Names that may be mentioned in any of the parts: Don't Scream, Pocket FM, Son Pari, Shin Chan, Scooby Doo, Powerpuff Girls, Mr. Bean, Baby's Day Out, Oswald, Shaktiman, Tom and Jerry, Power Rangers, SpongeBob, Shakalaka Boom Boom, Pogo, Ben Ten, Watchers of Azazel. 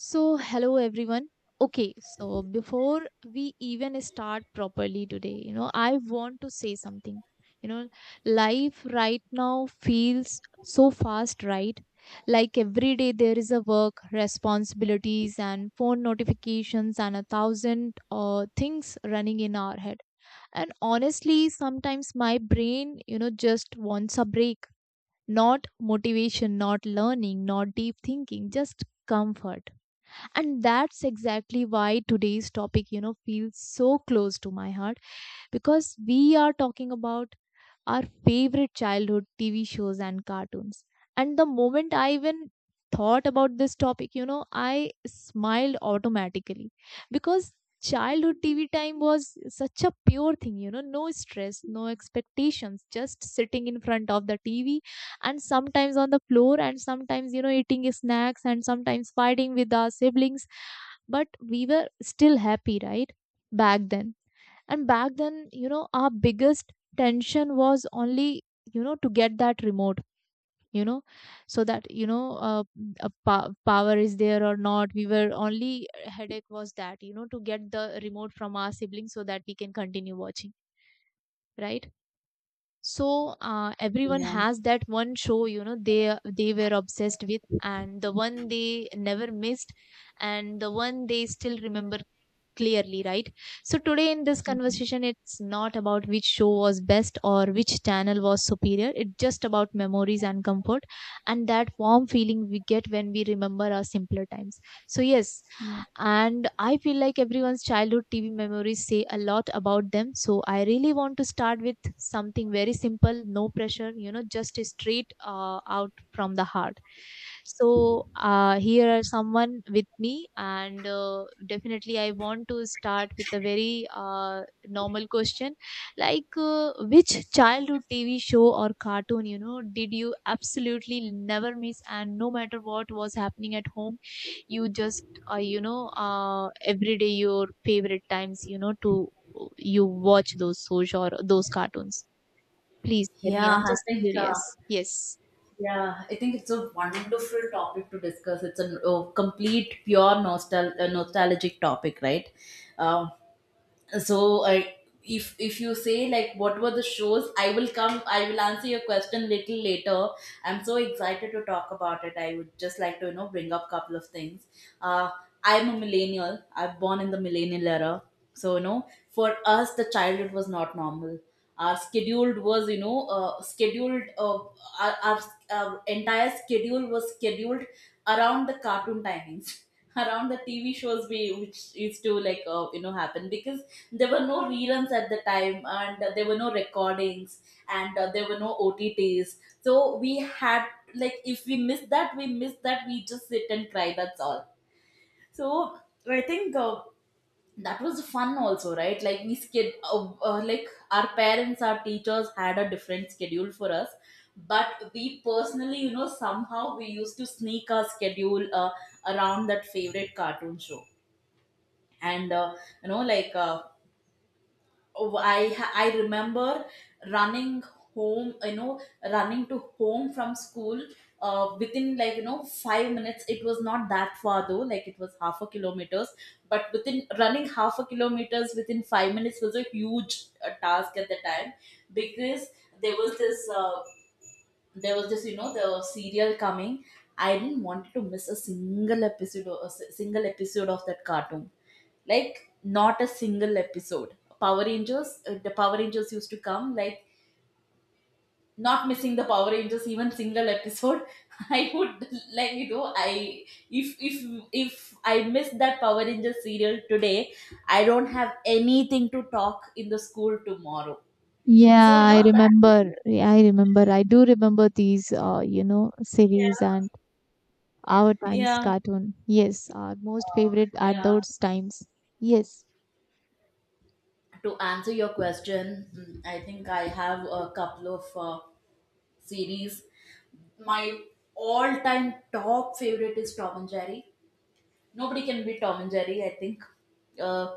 So, hello everyone. Okay, so before we even start properly today, you know, I want to say something. You know, life right now feels so fast, right? Like every day there is a work, responsibilities, and phone notifications, and a thousand things running in our head. And honestly, sometimes my brain, you know, just wants a break. Not motivation, not learning, not deep thinking, just comfort, and that's exactly why today's topic, you know, feels so close to my heart, because we are talking about our favorite childhood TV shows and cartoons. And the moment I even thought about this topic, you know, I smiled automatically because childhood TV time was such a pure thing, you know, no stress, no expectations, just sitting in front of the TV and sometimes on the floor and sometimes, you know, eating snacks and sometimes fighting with our siblings. But we were still happy, right? Back then back then you know our biggest tension was only, you know, to get that remote, you know, so that you know power is there or not, we were only headache was that, you know, to get the remote from our siblings so that we can continue watching, right? So everyone Yeah. has that one show, you know, they were obsessed with, and the one they never missed, and the one they still remember clearly, right? So today in this conversation, it's not about which show was best or which channel was superior, it's just about memories and comfort and that warm feeling we get when we remember our simpler times. So yes, Yeah. and I feel like everyone's childhood TV memories say a lot about them, so I really want to start with something very simple, no pressure, you know, just straight out from the heart. So here are someone with me, and definitely I want to start with a very normal question. Like which childhood TV show or cartoon, you know, did you absolutely never miss, and no matter what was happening at home, you just, or you know every day your favorite times, you know, to you watch those shows or those cartoons? Please tell me, Yeah, I'm I just think curious. Yes. It's a wonderful topic to discuss. It's a complete pure nostalgic topic, right? Uh, so I if you say like what were the shows, I will come. I will answer your question little later. I'm so excited to talk about it. I would just like to bring up couple of things. Uh, I'm a millennial. I'm born in the millennial era, so for us the childhood was not normal. Our scheduled was you know scheduled our, our, our entire schedule was scheduled around the cartoon timings, around the tv shows we which used to like happen, because there were no reruns at the time, and there were no recordings, and there were no OTTs. So we had, like, if we missed that, we missed that, we just sit and cry, that's all. So I think that was fun also, right? Like we skid like our parents, our teachers had a different schedule for us, but we personally somehow we used to sneak our schedule around that favorite cartoon show. And you know like uh, oh, I remember running home, you know, running to home from school. Within like 5 minutes, it was not that far though. Like it was half a kilometers, but within running half a kilometers within 5 minutes was a huge task at the time, because there was this uh, there was this the serial coming. I didn't want to miss a single episode or a single episode of that cartoon. Like not a single episode. Power Rangers, the Power Rangers used to come, like not missing the Power Rangers even single episode. I would, like, you know, I if if if I miss that Power Rangers serial today, I don't have anything to talk in the school tomorrow. Yeah, So you know I that. remember. Yeah, I remember. I do remember these, you know, series Yeah, and our times yeah. cartoon. Yes, our most Oh, favorite are yeah. those times. Yes, To answer your question, mm, I think I have a couple of series. My all-time top favorite is Tom and Jerry. Nobody can beat Tom and Jerry. I think uh,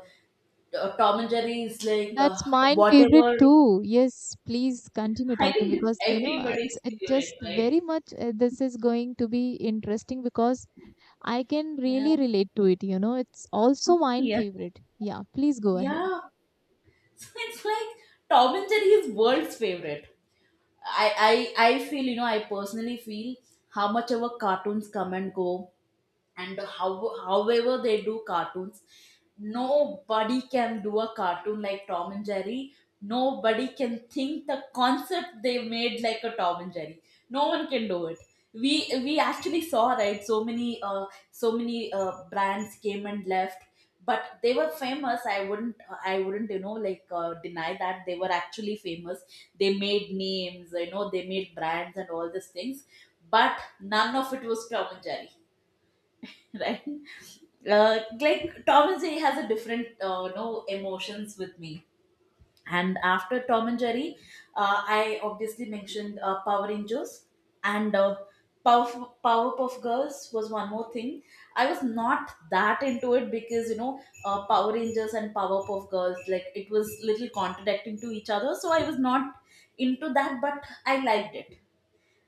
Tom and Jerry is like that's mine favorite whatever. too. Yes, please continue I talking think it's because you know everybody's it's it just favorite, right? very much. This is going to be interesting because I can Yeah. really relate to it, you know. It's also mine Yeah. favorite. Yeah, please go ahead. Yeah. So it's like Tom and Jerry is world's favorite. I feel, you know, I personally feel how much our cartoons come and go, and how however they do cartoons, nobody can do a cartoon like Tom and Jerry. Nobody can think the concept they made like a Tom and Jerry. No one can do it. We we actually saw, right? So many brands came and left, but they were famous. I wouldn't you know like deny that they were actually famous. They made names, you know, they made brands and all these things, but none of it was Tom and Jerry. Right. Like Tom and Jerry has a different no emotions with me. And after Tom and Jerry, I obviously mentioned Power Rangers, and Powerpuff Girls was one more thing. I was not that into it, because you know Power Rangers and Powerpuff Girls, like it was little contradicting to each other, so I was not into that. But I liked it.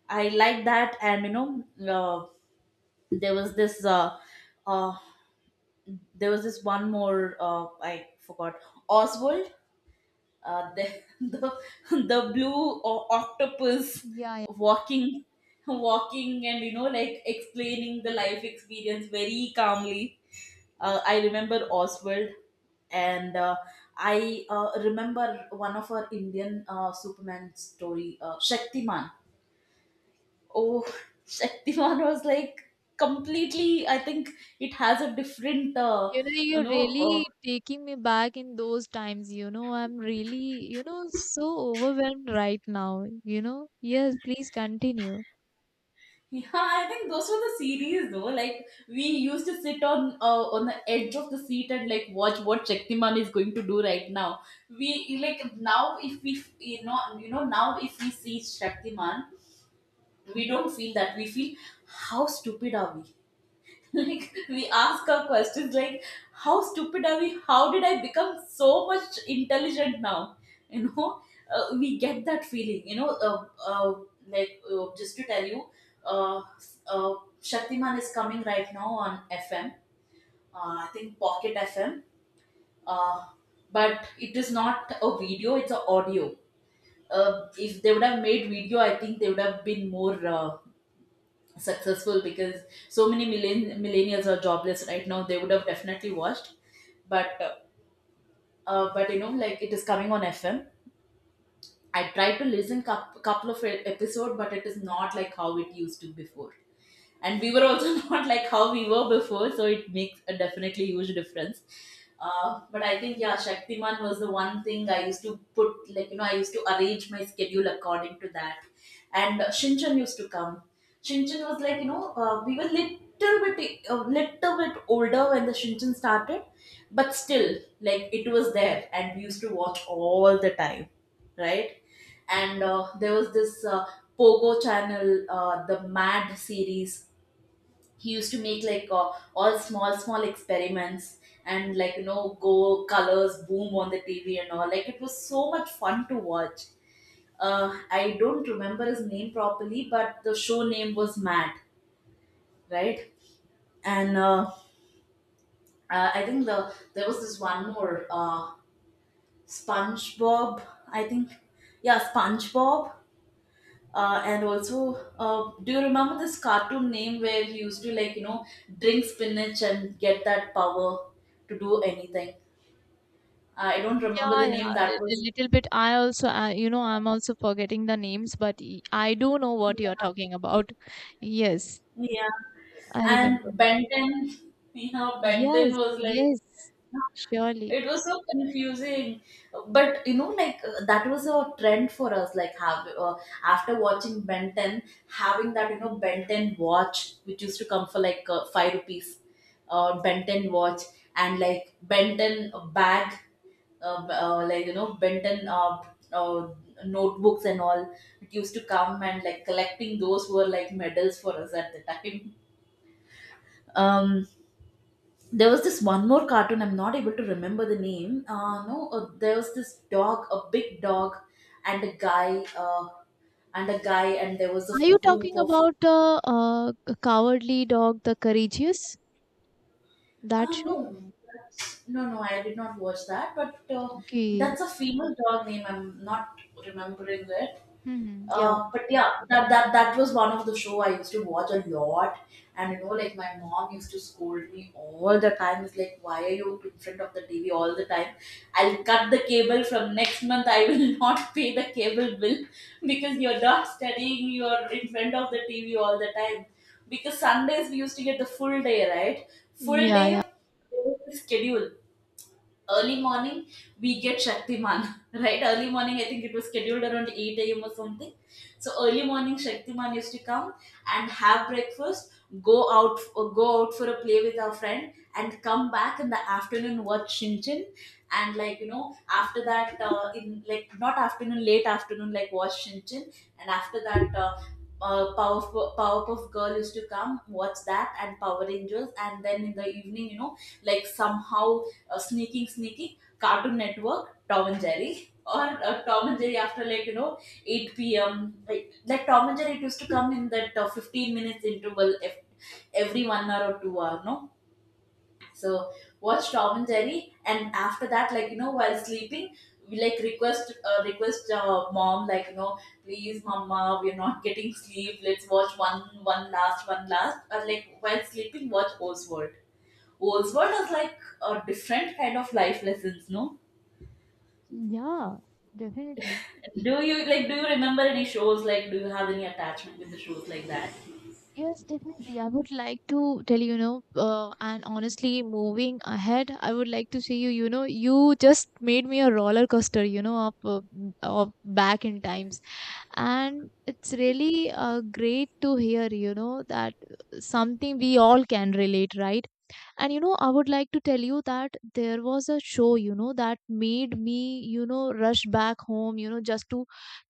I liked that, and you know there was this. Uh, uh, there was this one more I forgot Oswald, uh, the, the the octopus Yeah, yeah. walking, and you know like explaining the life experience very calmly. I remember Oswald, and I remember one of our Indian Superman story, Shaktiman. Oh, Shaktiman was like completely. I think it has a different. You know, you you're know, uh, really taking me back in those times. You know, I'm really, you know, so overwhelmed right now. You know, yes, please continue. Yeah, I think those were the series though. Like we used to sit on the edge of the seat and like watch what Shaktiman is going to do right now. We like now if we now if we see Shaktiman, we don't feel that. We feel, how stupid are we? like we ask our questions like, how stupid are we, how did I become so much intelligent now? you know we get that feeling you know uh, like just to tell you, uh, uh, Shaktiman is coming right now on FM, I think Pocket FM, uh, but it is not a video, it's a audio. If they would have made video, I think they would have been more successful, because so many millennials are jobless right now, they would have definitely watched. But but you know like it is coming on FM. I tried to listen a couple of episode, but it is not like how it used to before, and we were also not like how we were before, so it makes a definitely huge difference. But I think yeah, Shaktiman was the one thing I used to put, like you know, I used to arrange my schedule according to that. And Shinchan used to come. Shinchan was like you know we were little bit older when the Shinchan started, but still, like it was there and we used to watch all the time, right? And there was this Pogo channel, the Mad series. He used to make like all small small experiments, and like you know go colors boom on the tv and all, like it was so much fun to watch. I don't remember his name properly, but the show name was Mad. Right. And I think there was this one more SpongeBob, I think. Yeah, SpongeBob. And also, do you remember this cartoon name where he used to like you know drink spinach and get that power to do anything? I don't remember the Yeah, yeah, name. That a was, little bit. I also, you know, I'm also forgetting the names, but I do know what you're talking about. Yes, yeah. I remember. And Benton, yeah, Benton Yes, was like, yes, surely. it was so confusing, but you know, like that was a trend for us. Like, have after watching Ben Ten, having that you know Ben Ten watch, which used to come for like five rupees, Ben Ten watch, and like Ben Ten bag, like you know Ben Ten uh, notebooks and all. It used to come and like collecting those were like medals for us at the time. Um, there was this one more cartoon, I'm not able to remember the name. No there was this dog, a big dog, and a guy uh, and a guy and there was a Are you group talking of about the Cowardly Dog, The Courageous? That no show? I did not watch that, but Okay. that's a female dog name, I'm not remembering it. Hmm. Yeah. But yeah, that was one of the show I used to watch a lot, and you know, like my mom used to scold me all the time. It's like, why are you in front of the TV all the time? I'll cut the cable from next month. I will not pay the cable bill, because you're not studying. You're in front of the TV all the time. Because Sundays we used to get the full day, right? Full Yeah, day yeah. schedule, early morning, we get Shaktiman, right? Early morning, I think it was scheduled around 8 a.m. or something. So early morning, Shaktiman used to come and have breakfast, go out, or go out for a play with our friend, and come back in the afternoon watch Shinchin. And like you know, after that, in like not afternoon, late afternoon, like watch Shinchin, and after that. Powerpuff Girl used to come, watch that, and Power Rangers, and then in the evening, you know, like somehow sneaking, Cartoon Network, Tom and Jerry, or Tom and Jerry after like you know 8 p.m. Like Tom and Jerry, it used to come in that 15 minutes interval every 1 hour or 2 hour, no. So watch Tom and Jerry, and after that, like you know, while sleeping, we like request mom, like you know, please, mama, we're not getting sleep. Let's watch one one last, or like while sleeping, watch Oswald. Oswald was like a different kind of life lessons, no? Yeah, definitely. Do you like, do you remember any shows, like do you have any attachment with the shows like that? Yes, definitely. I would like to tell you, you know, and honestly, moving ahead, I would like to see you, you know, you just made me a roller coaster, you know, of, of back in times. And it's really great to hear, you know, that something we all can relate, right? And you know I would like to tell you that there was a show, you know, that made me, you know, rush back home, you know, just to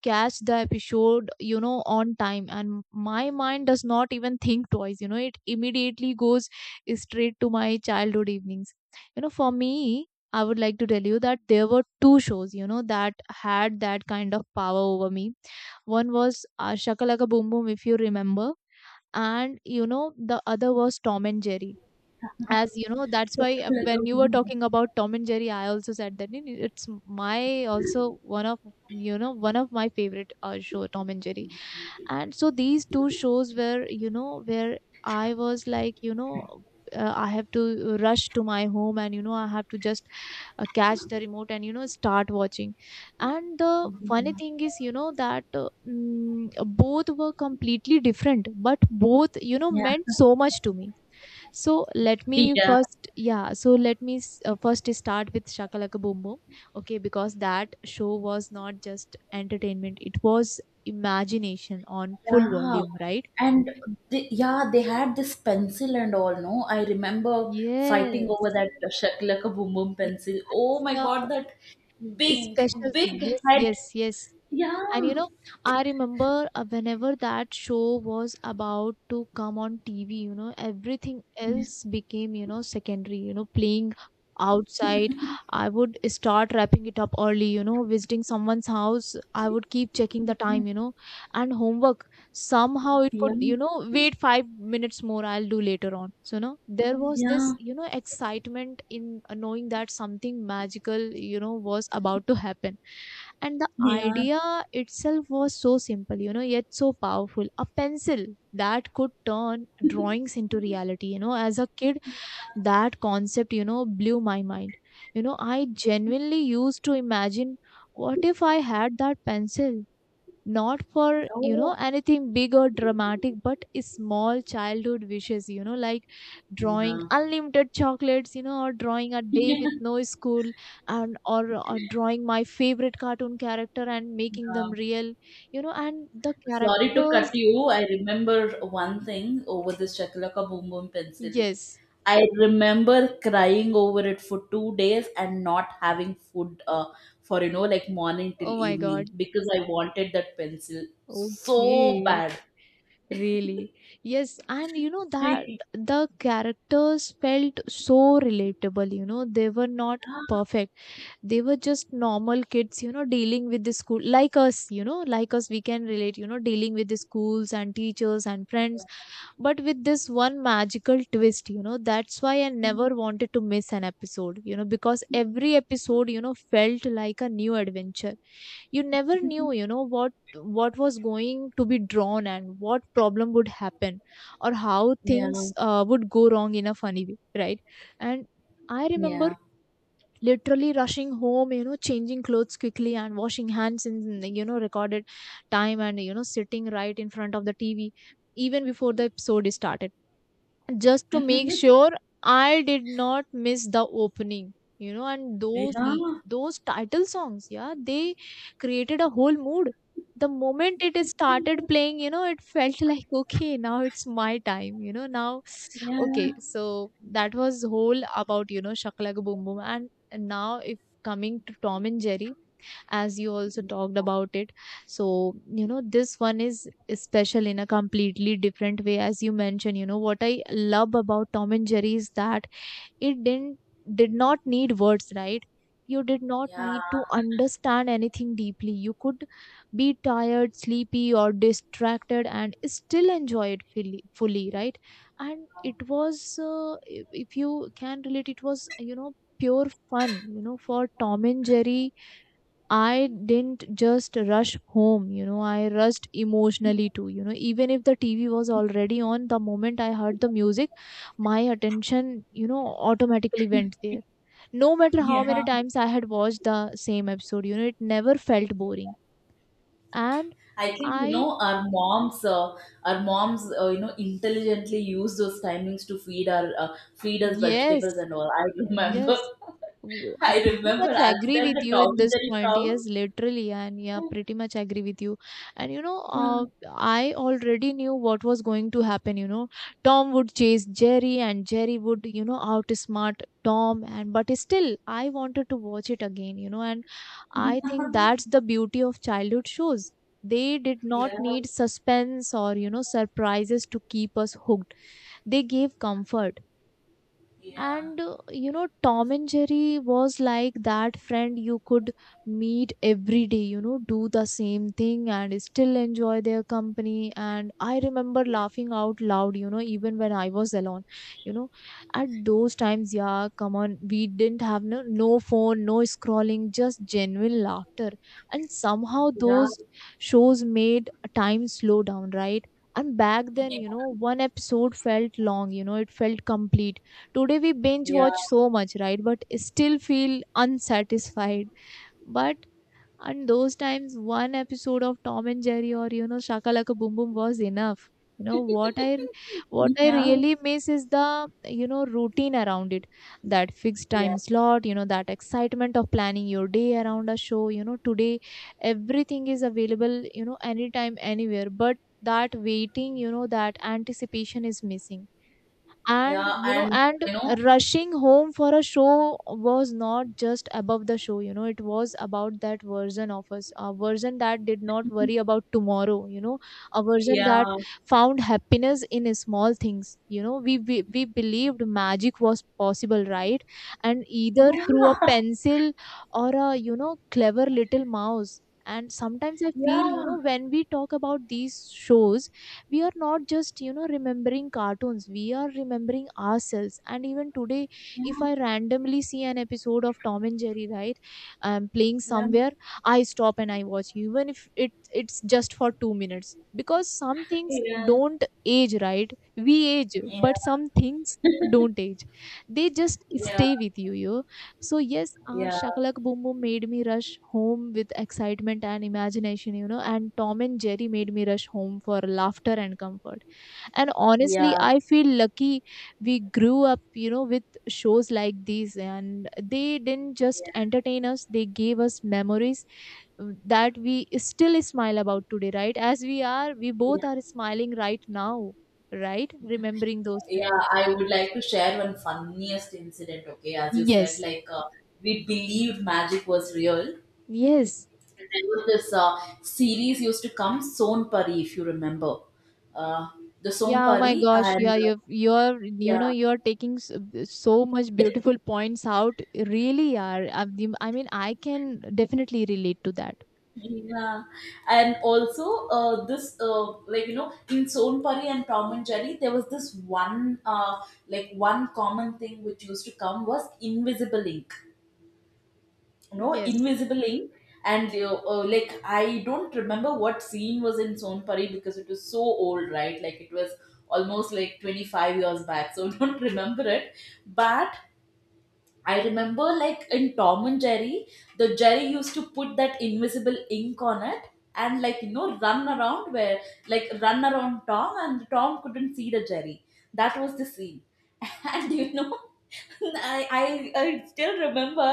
catch the episode, you know, on time, and my mind does not even think twice, you know, it immediately goes straight to my childhood evenings. You know, for me, I would like to tell you that there were two shows, you know, that had that kind of power over me. One was Shakalaka Boom Boom, if you remember, and you know the other was Tom and Jerry. As you know, that's why when you were talking about Tom and Jerry, I also said that it's my also one of, you know, one of my favorite show, Tom and Jerry. And so these two shows were, you know, where I was like, you know, I have to rush to my home, and you know I have to just catch the remote and, you know, start watching. And the funny thing is, you know, that both were completely different, but both, you know, Yeah, meant so much to me. So let me Peter. first, yeah. So let me first start with Shakalaka Boom Boom, okay? Because that show was not just entertainment; it was imagination on full Yeah, volume, right? and they, yeah, they had this pencil and all. No, I remember fighting over Yes. that Shaklaka Boom Boom pencil. Oh It's my god, the, that it's big special thing. big Yes, head. yes, yes. And you Yeah, know, I remember whenever that show was about to come on TV, you know, everything yeah, else became, you know, secondary, you know, playing outside. I would start wrapping it up early, you know, visiting someone's house. I would keep checking the time, you know, and homework somehow it yeah, could, you know, wait 5 minutes more, I'll do later on. So no, there was this, yeah, you know, excitement in knowing that something magical, you know, was about to happen. And the yeah. idea itself was so simple, you know, yet so powerful, a pencil that could turn drawings into reality. You know, as a kid, that concept, you know, blew my mind. You know, I genuinely used to imagine what if I had that pencil, not for, you know, Oh, anything big or dramatic, but small childhood wishes, you know, like drawing yeah, unlimited chocolates, you know, or drawing a day yeah. with no school, and or drawing my favorite cartoon character and making them real. You know, and the Sorry to cut characters, you. I remember one thing over this Chakalaka Boom Boom pencil. yes. I remember crying over it for 2 days and not having food for, you know, like morning till Oh my God. evening because I wanted that pencil so Okay. bad. Really? Yes. And you know that the characters felt so relatable, you know, they were not perfect, they were just normal kids, you know, dealing with the school like us, you know, like us we can relate, you know, dealing with the schools and teachers and friends, but with this one magical twist. You know, that's why I never wanted to miss an episode, you know, because every episode, you know, felt like a new adventure. You never knew, you know, what was going to be drawn and what problem would happen or how Like, yeah, yeah, things would go wrong in a funny way, right? And I remember literally rushing home, you know, changing clothes quickly and washing hands in, you know, recorded time, and you know sitting right in front of the TV even before the episode is started, just to make sure I did not miss the opening. You know, and yeah, those title songs, yeah, they created a whole mood. The moment it is started playing, you know, it felt like okay, now it's my time. You know, now okay. yeah, So that was whole about, you know, Shakalaka Boom Boom, and now if coming to Tom and Jerry, as you also talked about it, so you know this one is special in a completely different way. As you mentioned, you know, what I love about Tom and Jerry is that it didn't did not need words, right? You did not yeah. need to understand anything deeply, you could be tired, sleepy, or distracted and still enjoy it fully, right? And it was, if you can relate, it was, you know, pure fun. You know, for Tom and Jerry, I didn't just rush home, you know, I rushed emotionally too. You know, even if the TV was already on, the moment I heard the music, my attention, you know, automatically went there. No matter how many yeah. times I had watched the same episode, you know, it never felt boring. And I think you I, know our moms, you know, intelligently use those timings to feed our feed us vegetables yes, and all. I remember, yes. Oh, I I pretty remember much as agree soon as with the you Tom in and this Jerry point. comes. Yes, literally, and yeah, pretty much agree with you. And you know, I already knew what was going to happen. You know, Tom would chase Jerry, and Jerry would, you know, outsmart Tom. And but still, I wanted to watch it again. You know, and Yeah, I think that's the beauty of childhood shows. They did yeah, not yeah, need suspense or, you know, surprises to keep us hooked. They gave comfort, and you know Tom and Jerry was like that friend you could meet every day, you know, do the same thing and still enjoy their company. And I remember laughing out loud, you know, even when I was alone, you know, at those times. Yeah, come on, we didn't have no, no phone, no scrolling, just genuine laughter. And somehow yeah, those shows made time slow down, right? And back then, you know, one episode felt long, you know, it felt complete. Today we binge yeah, watch so much, right? But still feel unsatisfied. But and those times, one episode of Tom and Jerry or Shakalaka Boom Boom was enough. You know what I what I Yeah. really miss is the routine around it. That fixed yeah, time slot, you know, that excitement of planning your day around a show. Today everything is available, anytime, anywhere. But that waiting, that anticipation is missing, and yeah, you know and and you know, rushing home for a show was not just above the show. It was about that version of us, a version that did not worry about tomorrow. A version that yeah, found happiness in small things. We believed magic was possible, right? And either yeah, through a pencil or a clever little mouse. And sometimes I feel, yeah, when we talk about these shows, we are not just, remembering cartoons, we are remembering ourselves. And even today, if I randomly see an episode of Tom and Jerry, right, playing yeah, somewhere, I stop and I watch, even if it's just for 2 minutes, because some things yeah, don't age, right? We age, yeah, but some things don't age, they just stay with you. So yes, yeah, Shakalak Boom Boom made me rush home with excitement and imagination, and Tom and Jerry made me rush home for laughter and comfort. And honestly, yeah, I feel lucky we grew up, with shows like these, and they didn't just yeah, entertain us; they gave us memories that we still smile about today, right? As we are, we yeah. both are smiling right now, right? Remembering those Yeah, times. I would like to share one funniest incident. Okay, as you said, Yes. We believed magic was real. And Yes. There was this series used to come, Son Pari, if you remember, uh, the Son Yeah, oh my Pari, gosh. and Yeah, you've, you're, you yeah, know, you're taking so much beautiful points out. Really are. I mean, I can definitely relate to that. yeah, and also this like you know in Son Pari and Tom and Jerry, there was this one like one common thing which used to come was invisible ink, you know, Yes. invisible ink. And you like I don't remember what scene was in sonpari because it was so old, right? Like it was almost like 25 years back, so don't remember it. But I remember like in Tom and Jerry, the Jerry used to put that invisible ink on it and, like you know, run around where, like, run around Tom and Tom couldn't see the Jerry. That was the scene. And you know I still remember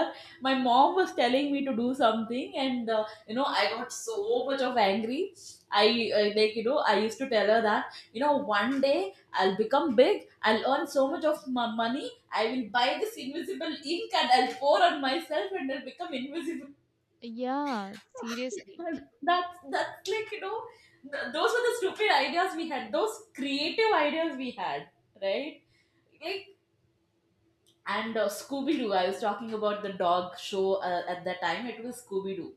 my mom was telling me to do something, and you know I got so much of angry. I like you know I used to tell her that you know one day I'll become big. I'll earn so much of my money. I will buy this invisible ink and I'll pour on myself and I'll become invisible. Yeah, seriously. That's like you know those were the stupid ideas we had. Those creative ideas we had, right? Like, and Scooby Doo. I was talking about the dog show at that time. It was Scooby Doo.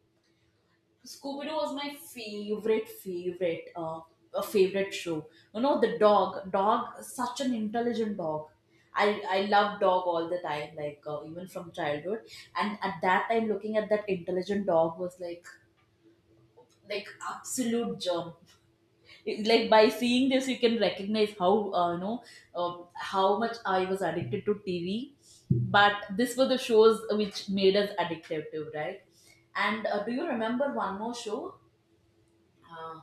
Scooby Doo was my favorite, favorite, favorite show. You know the dog, such an intelligent dog. I love dog all the time, even from childhood. And at that time, looking at that intelligent dog was like absolute gem. Like by seeing this you can recognize how you know uh, how much I was addicted to TV. But this were the shows which made us addicted to, right? And do you remember one more show? uh,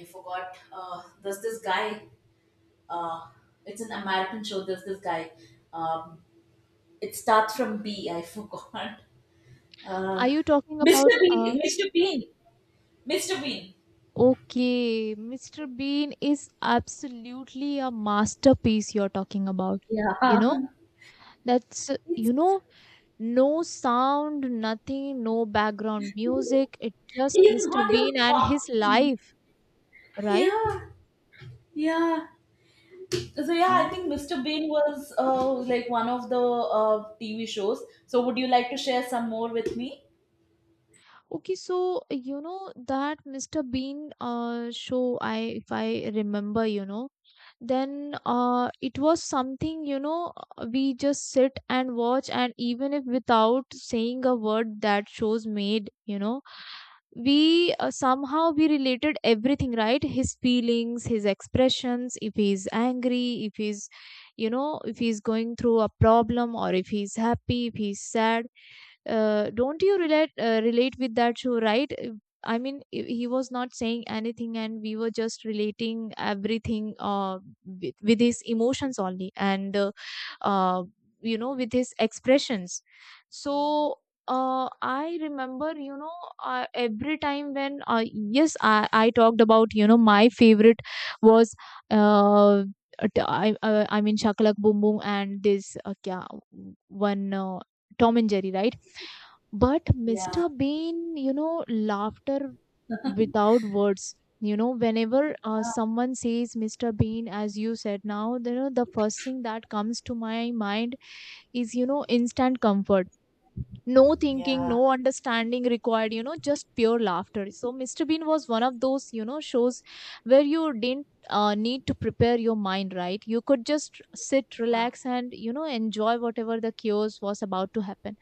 I forgot. There's this guy, uh, it's an American show, there's this guy. um, it starts from B, I forgot. Are uh, you talking Mr. about, Bean, Mr. Bean, Mr. Bean. okay, Mr. Bean is absolutely a masterpiece you're talking about. Yeah. You know, that's, uh, It's, you know, no sound, nothing, no background he's music. It's just Mr. not even Bean and his talking. life, right? Yeah, yeah. So yeah, I And. think Mr. Bean was like one of the TV shows. So would you like to share some more with me? Okay, so that Mr. Bean show, I if I remember, then it was something, we just sit and watch, and even if without saying a word, that shows made, you know, we somehow we related everything, right? His feelings, his expressions, if he's angry, if he's, if he's going through a problem, or if he's happy, if he's sad. Don't you relate, relate with that show, right? I mean, he was not saying anything, and we were just relating everything, with his emotions only, and uh, with his expressions. So I remember, every time when, yes, I talked about, my favorite was, uh, I mean, Shakalak Boom Boom and this, kya, one, Tom and Jerry, right? But Yeah, Mr. Bean, laughter without words. Whenever someone says Mr. Bean, as you said now, the first thing that comes to my mind is, instant comfort. No thinking, yeah, no understanding required, just pure laughter. So, Mr. Bean was one of those, shows where you didn't, need to prepare your mind, right? You could just sit, Ah, relax, and, you know, enjoy whatever the chaos was about to happen.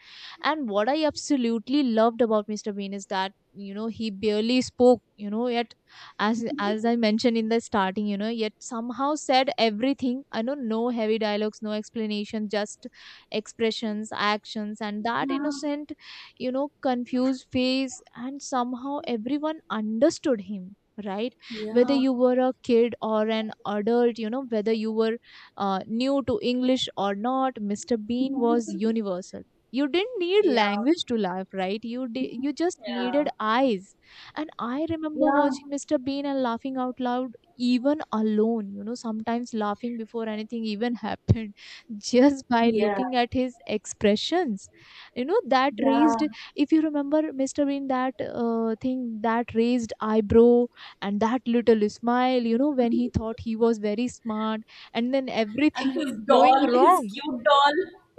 And what I absolutely loved about Mr. Bean is that he barely spoke, yet as I mentioned in the starting, yet somehow said everything. I know no heavy dialogues, no explanation, just expressions, actions, and that yeah, innocent, confused face. And somehow everyone understood him, right? Whether yeah, you were a kid or an adult, whether you were new to English or not, Mr. Bean was universal. You didn't need yeah, language to laugh, right? You just yeah, needed eyes. And I remember yeah, watching Mr. Bean and laughing out loud, even alone, sometimes laughing before anything even happened, just by yeah, looking at his expressions, that yeah. raised, if you remember Mr. Bean, that thing, that raised eyebrow, and that little smile, when he thought he was very smart, and then And everything his going doll, his wrong. cute doll.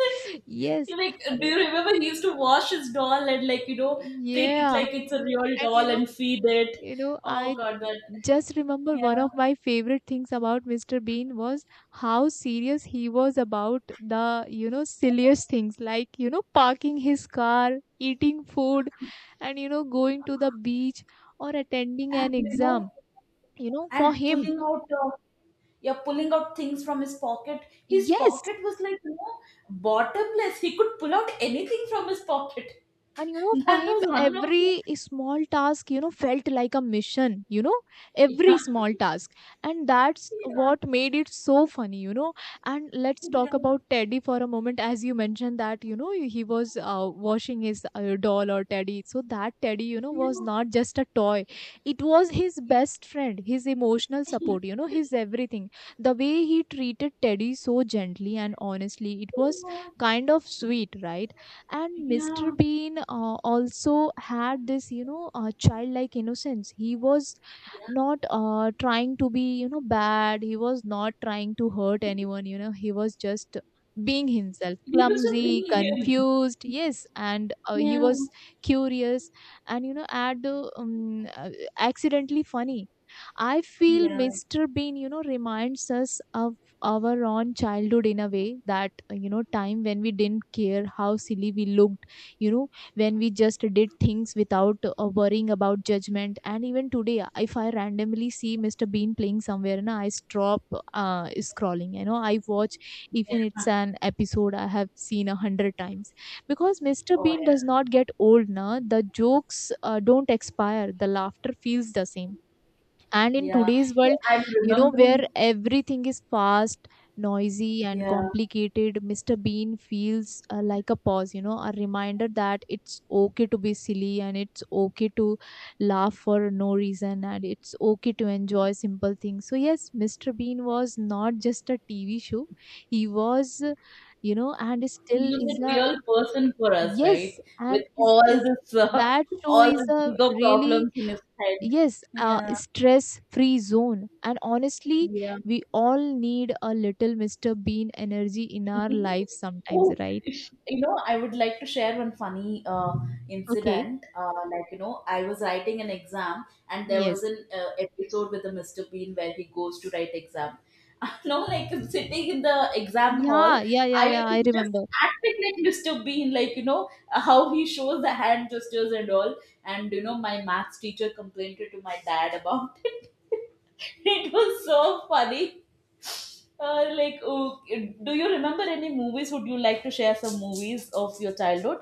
You Yes, like, and do you remember he used to wash his doll and like you know treat it yeah, like it's a real and doll and feed it? Oh I God, that just remember yeah. one of my favorite things about Mr. Bean was how serious he was about the silliest things, like, parking his car, eating food, and going to the beach or attending And an you know. exam. You know, for And him, pulling out yeah, pulling out things from his pocket. His yes. pocket was like you know bottomless, he could pull out anything from his pocket. And you know, for That him, was one of the every small task, felt like a mission, every yeah, small task. And that's yeah, what made it so funny. And let's talk yeah, about Teddy for a moment. As you mentioned that, he was washing his doll or Teddy. So that Teddy, was yeah, not just a toy, it was his best friend, his emotional support, his everything. The way he treated Teddy so gently and honestly, it was kind of sweet, right? yeah, And Mr. yeah, Bean, also had this, childlike innocence. He was yeah, not, trying to be, bad. He was not trying to hurt anyone, he was just being himself, He was just clumsy, being him. confused. Yes, and he Yeah, was curious, and you know add accidentally funny. I feel yeah, Mr. Bean, reminds us of our own childhood in a way that time when we didn't care how silly we looked, when we just did things without, worrying about judgment. And even today, if I randomly see Mr. Bean playing somewhere, na, I stop, scrolling, I watch, even yeah. it's an episode I have seen a hundred times, because Mr. Oh yeah, Bean does not get old, na, the jokes, don't expire, the laughter feels the same, and in yeah, today's yeah, world, I'm you know, where remembering, everything is fast, noisy, and yeah. complicated. Mr. Bean feels, like a pause, a reminder that it's okay to be silly, and it's okay to laugh for no reason, and it's okay to enjoy simple things. So, yes, Mr. Bean was not just a TV show, he was, and He still was is a a, real person for us, right? yes, and With is, all is this, that show all is the a bigger really, problems in his head. Yes, Yeah, stress free zone. And honestly, yeah. we all need a little Mr. Bean energy in our lives sometimes, Oh, right? if- you know, I would like to share one funny Okay. incident. Like, you know, I was writing an exam, and there was Yes. an episode with the Mr. Bean where he goes to write exam. You know, like sitting in the exam hall, Yeah, yeah, yeah, I yeah. was I just remember. acting like Mr. Bean, like, you know, how he shows the hand gestures and all. And, you know, my maths teacher complained to my dad about it. It was so funny. Like, oh, do you remember any movies? Would you like to share some movies of your childhood?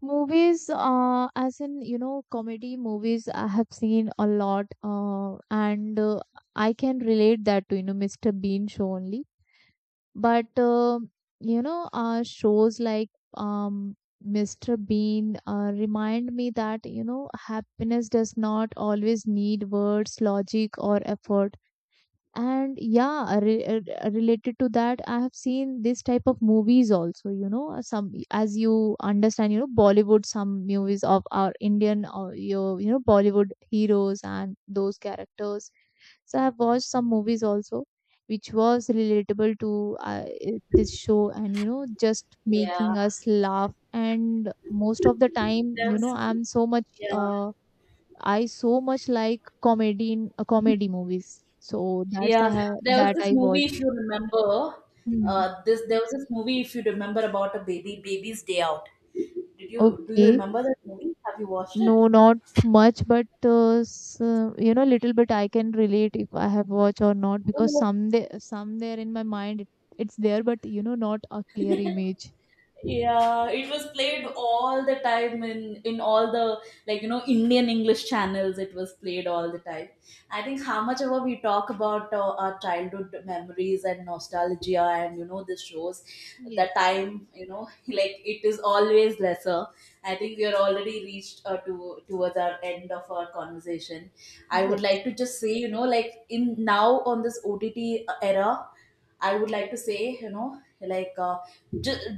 Movies, as in, comedy movies, I have seen a lot, and I can relate that to, Mr. Bean show only. But shows like, Mr. Bean, remind me that happiness does not always need words, logic, or effort. And yeah, related to that, I have seen this type of movies also. Some, as you understand, Bollywood, some movies of our Indian or your, Bollywood heroes and those characters. So I've watched some movies also which was relatable to, this show, and just Yeah, making us laugh, and most of the time, there was, I'm so much yeah, I so much like comedy in, comedy movies. So that's, yeah. I have, There was that this I movie, watched. if you remember, Hmm. This there was this movie, if you remember, about a baby, Baby's Day Out. Did you Do you Okay. remember that movie? Have you watched it? No, not much, but little bit I can relate if I have watched or not, because some there in my mind, it's there, but not a clear image. Yeah, it was played all the time in all the like you know Indian English channels. It was played all the time. I think how much ever we talk about our childhood memories and nostalgia and you know the shows, the Yes, time you know like it is always lesser. I think we are already reached to towards our end of our conversation. I would yes, like to just say you know like in now on this OTT era, I would like to say, you know, just,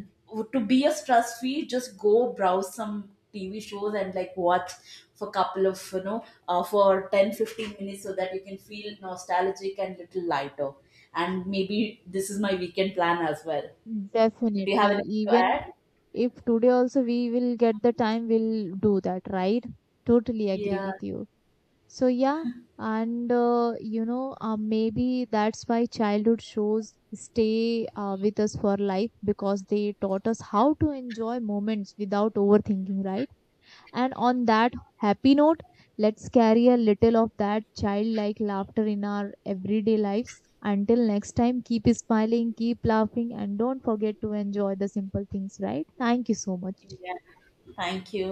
to be a stress free just go browse some TV shows and like watch for couple of you know for 10-15 minutes so that you can feel nostalgic and little lighter. And maybe this is my weekend plan as well. So do you definitely. have anything to Even add? if today also we will get the time, we'll do that, right? Totally agree Yeah, with you. So yeah, and maybe that's why childhood shows stay, with us for life, because they taught us how to enjoy moments without overthinking, right? And on that happy note, let's carry a little of that childlike laughter in our everyday lives. Until next time, keep smiling, keep laughing, and don't forget to enjoy the simple things, right? Thank you so much. yeah, thank you.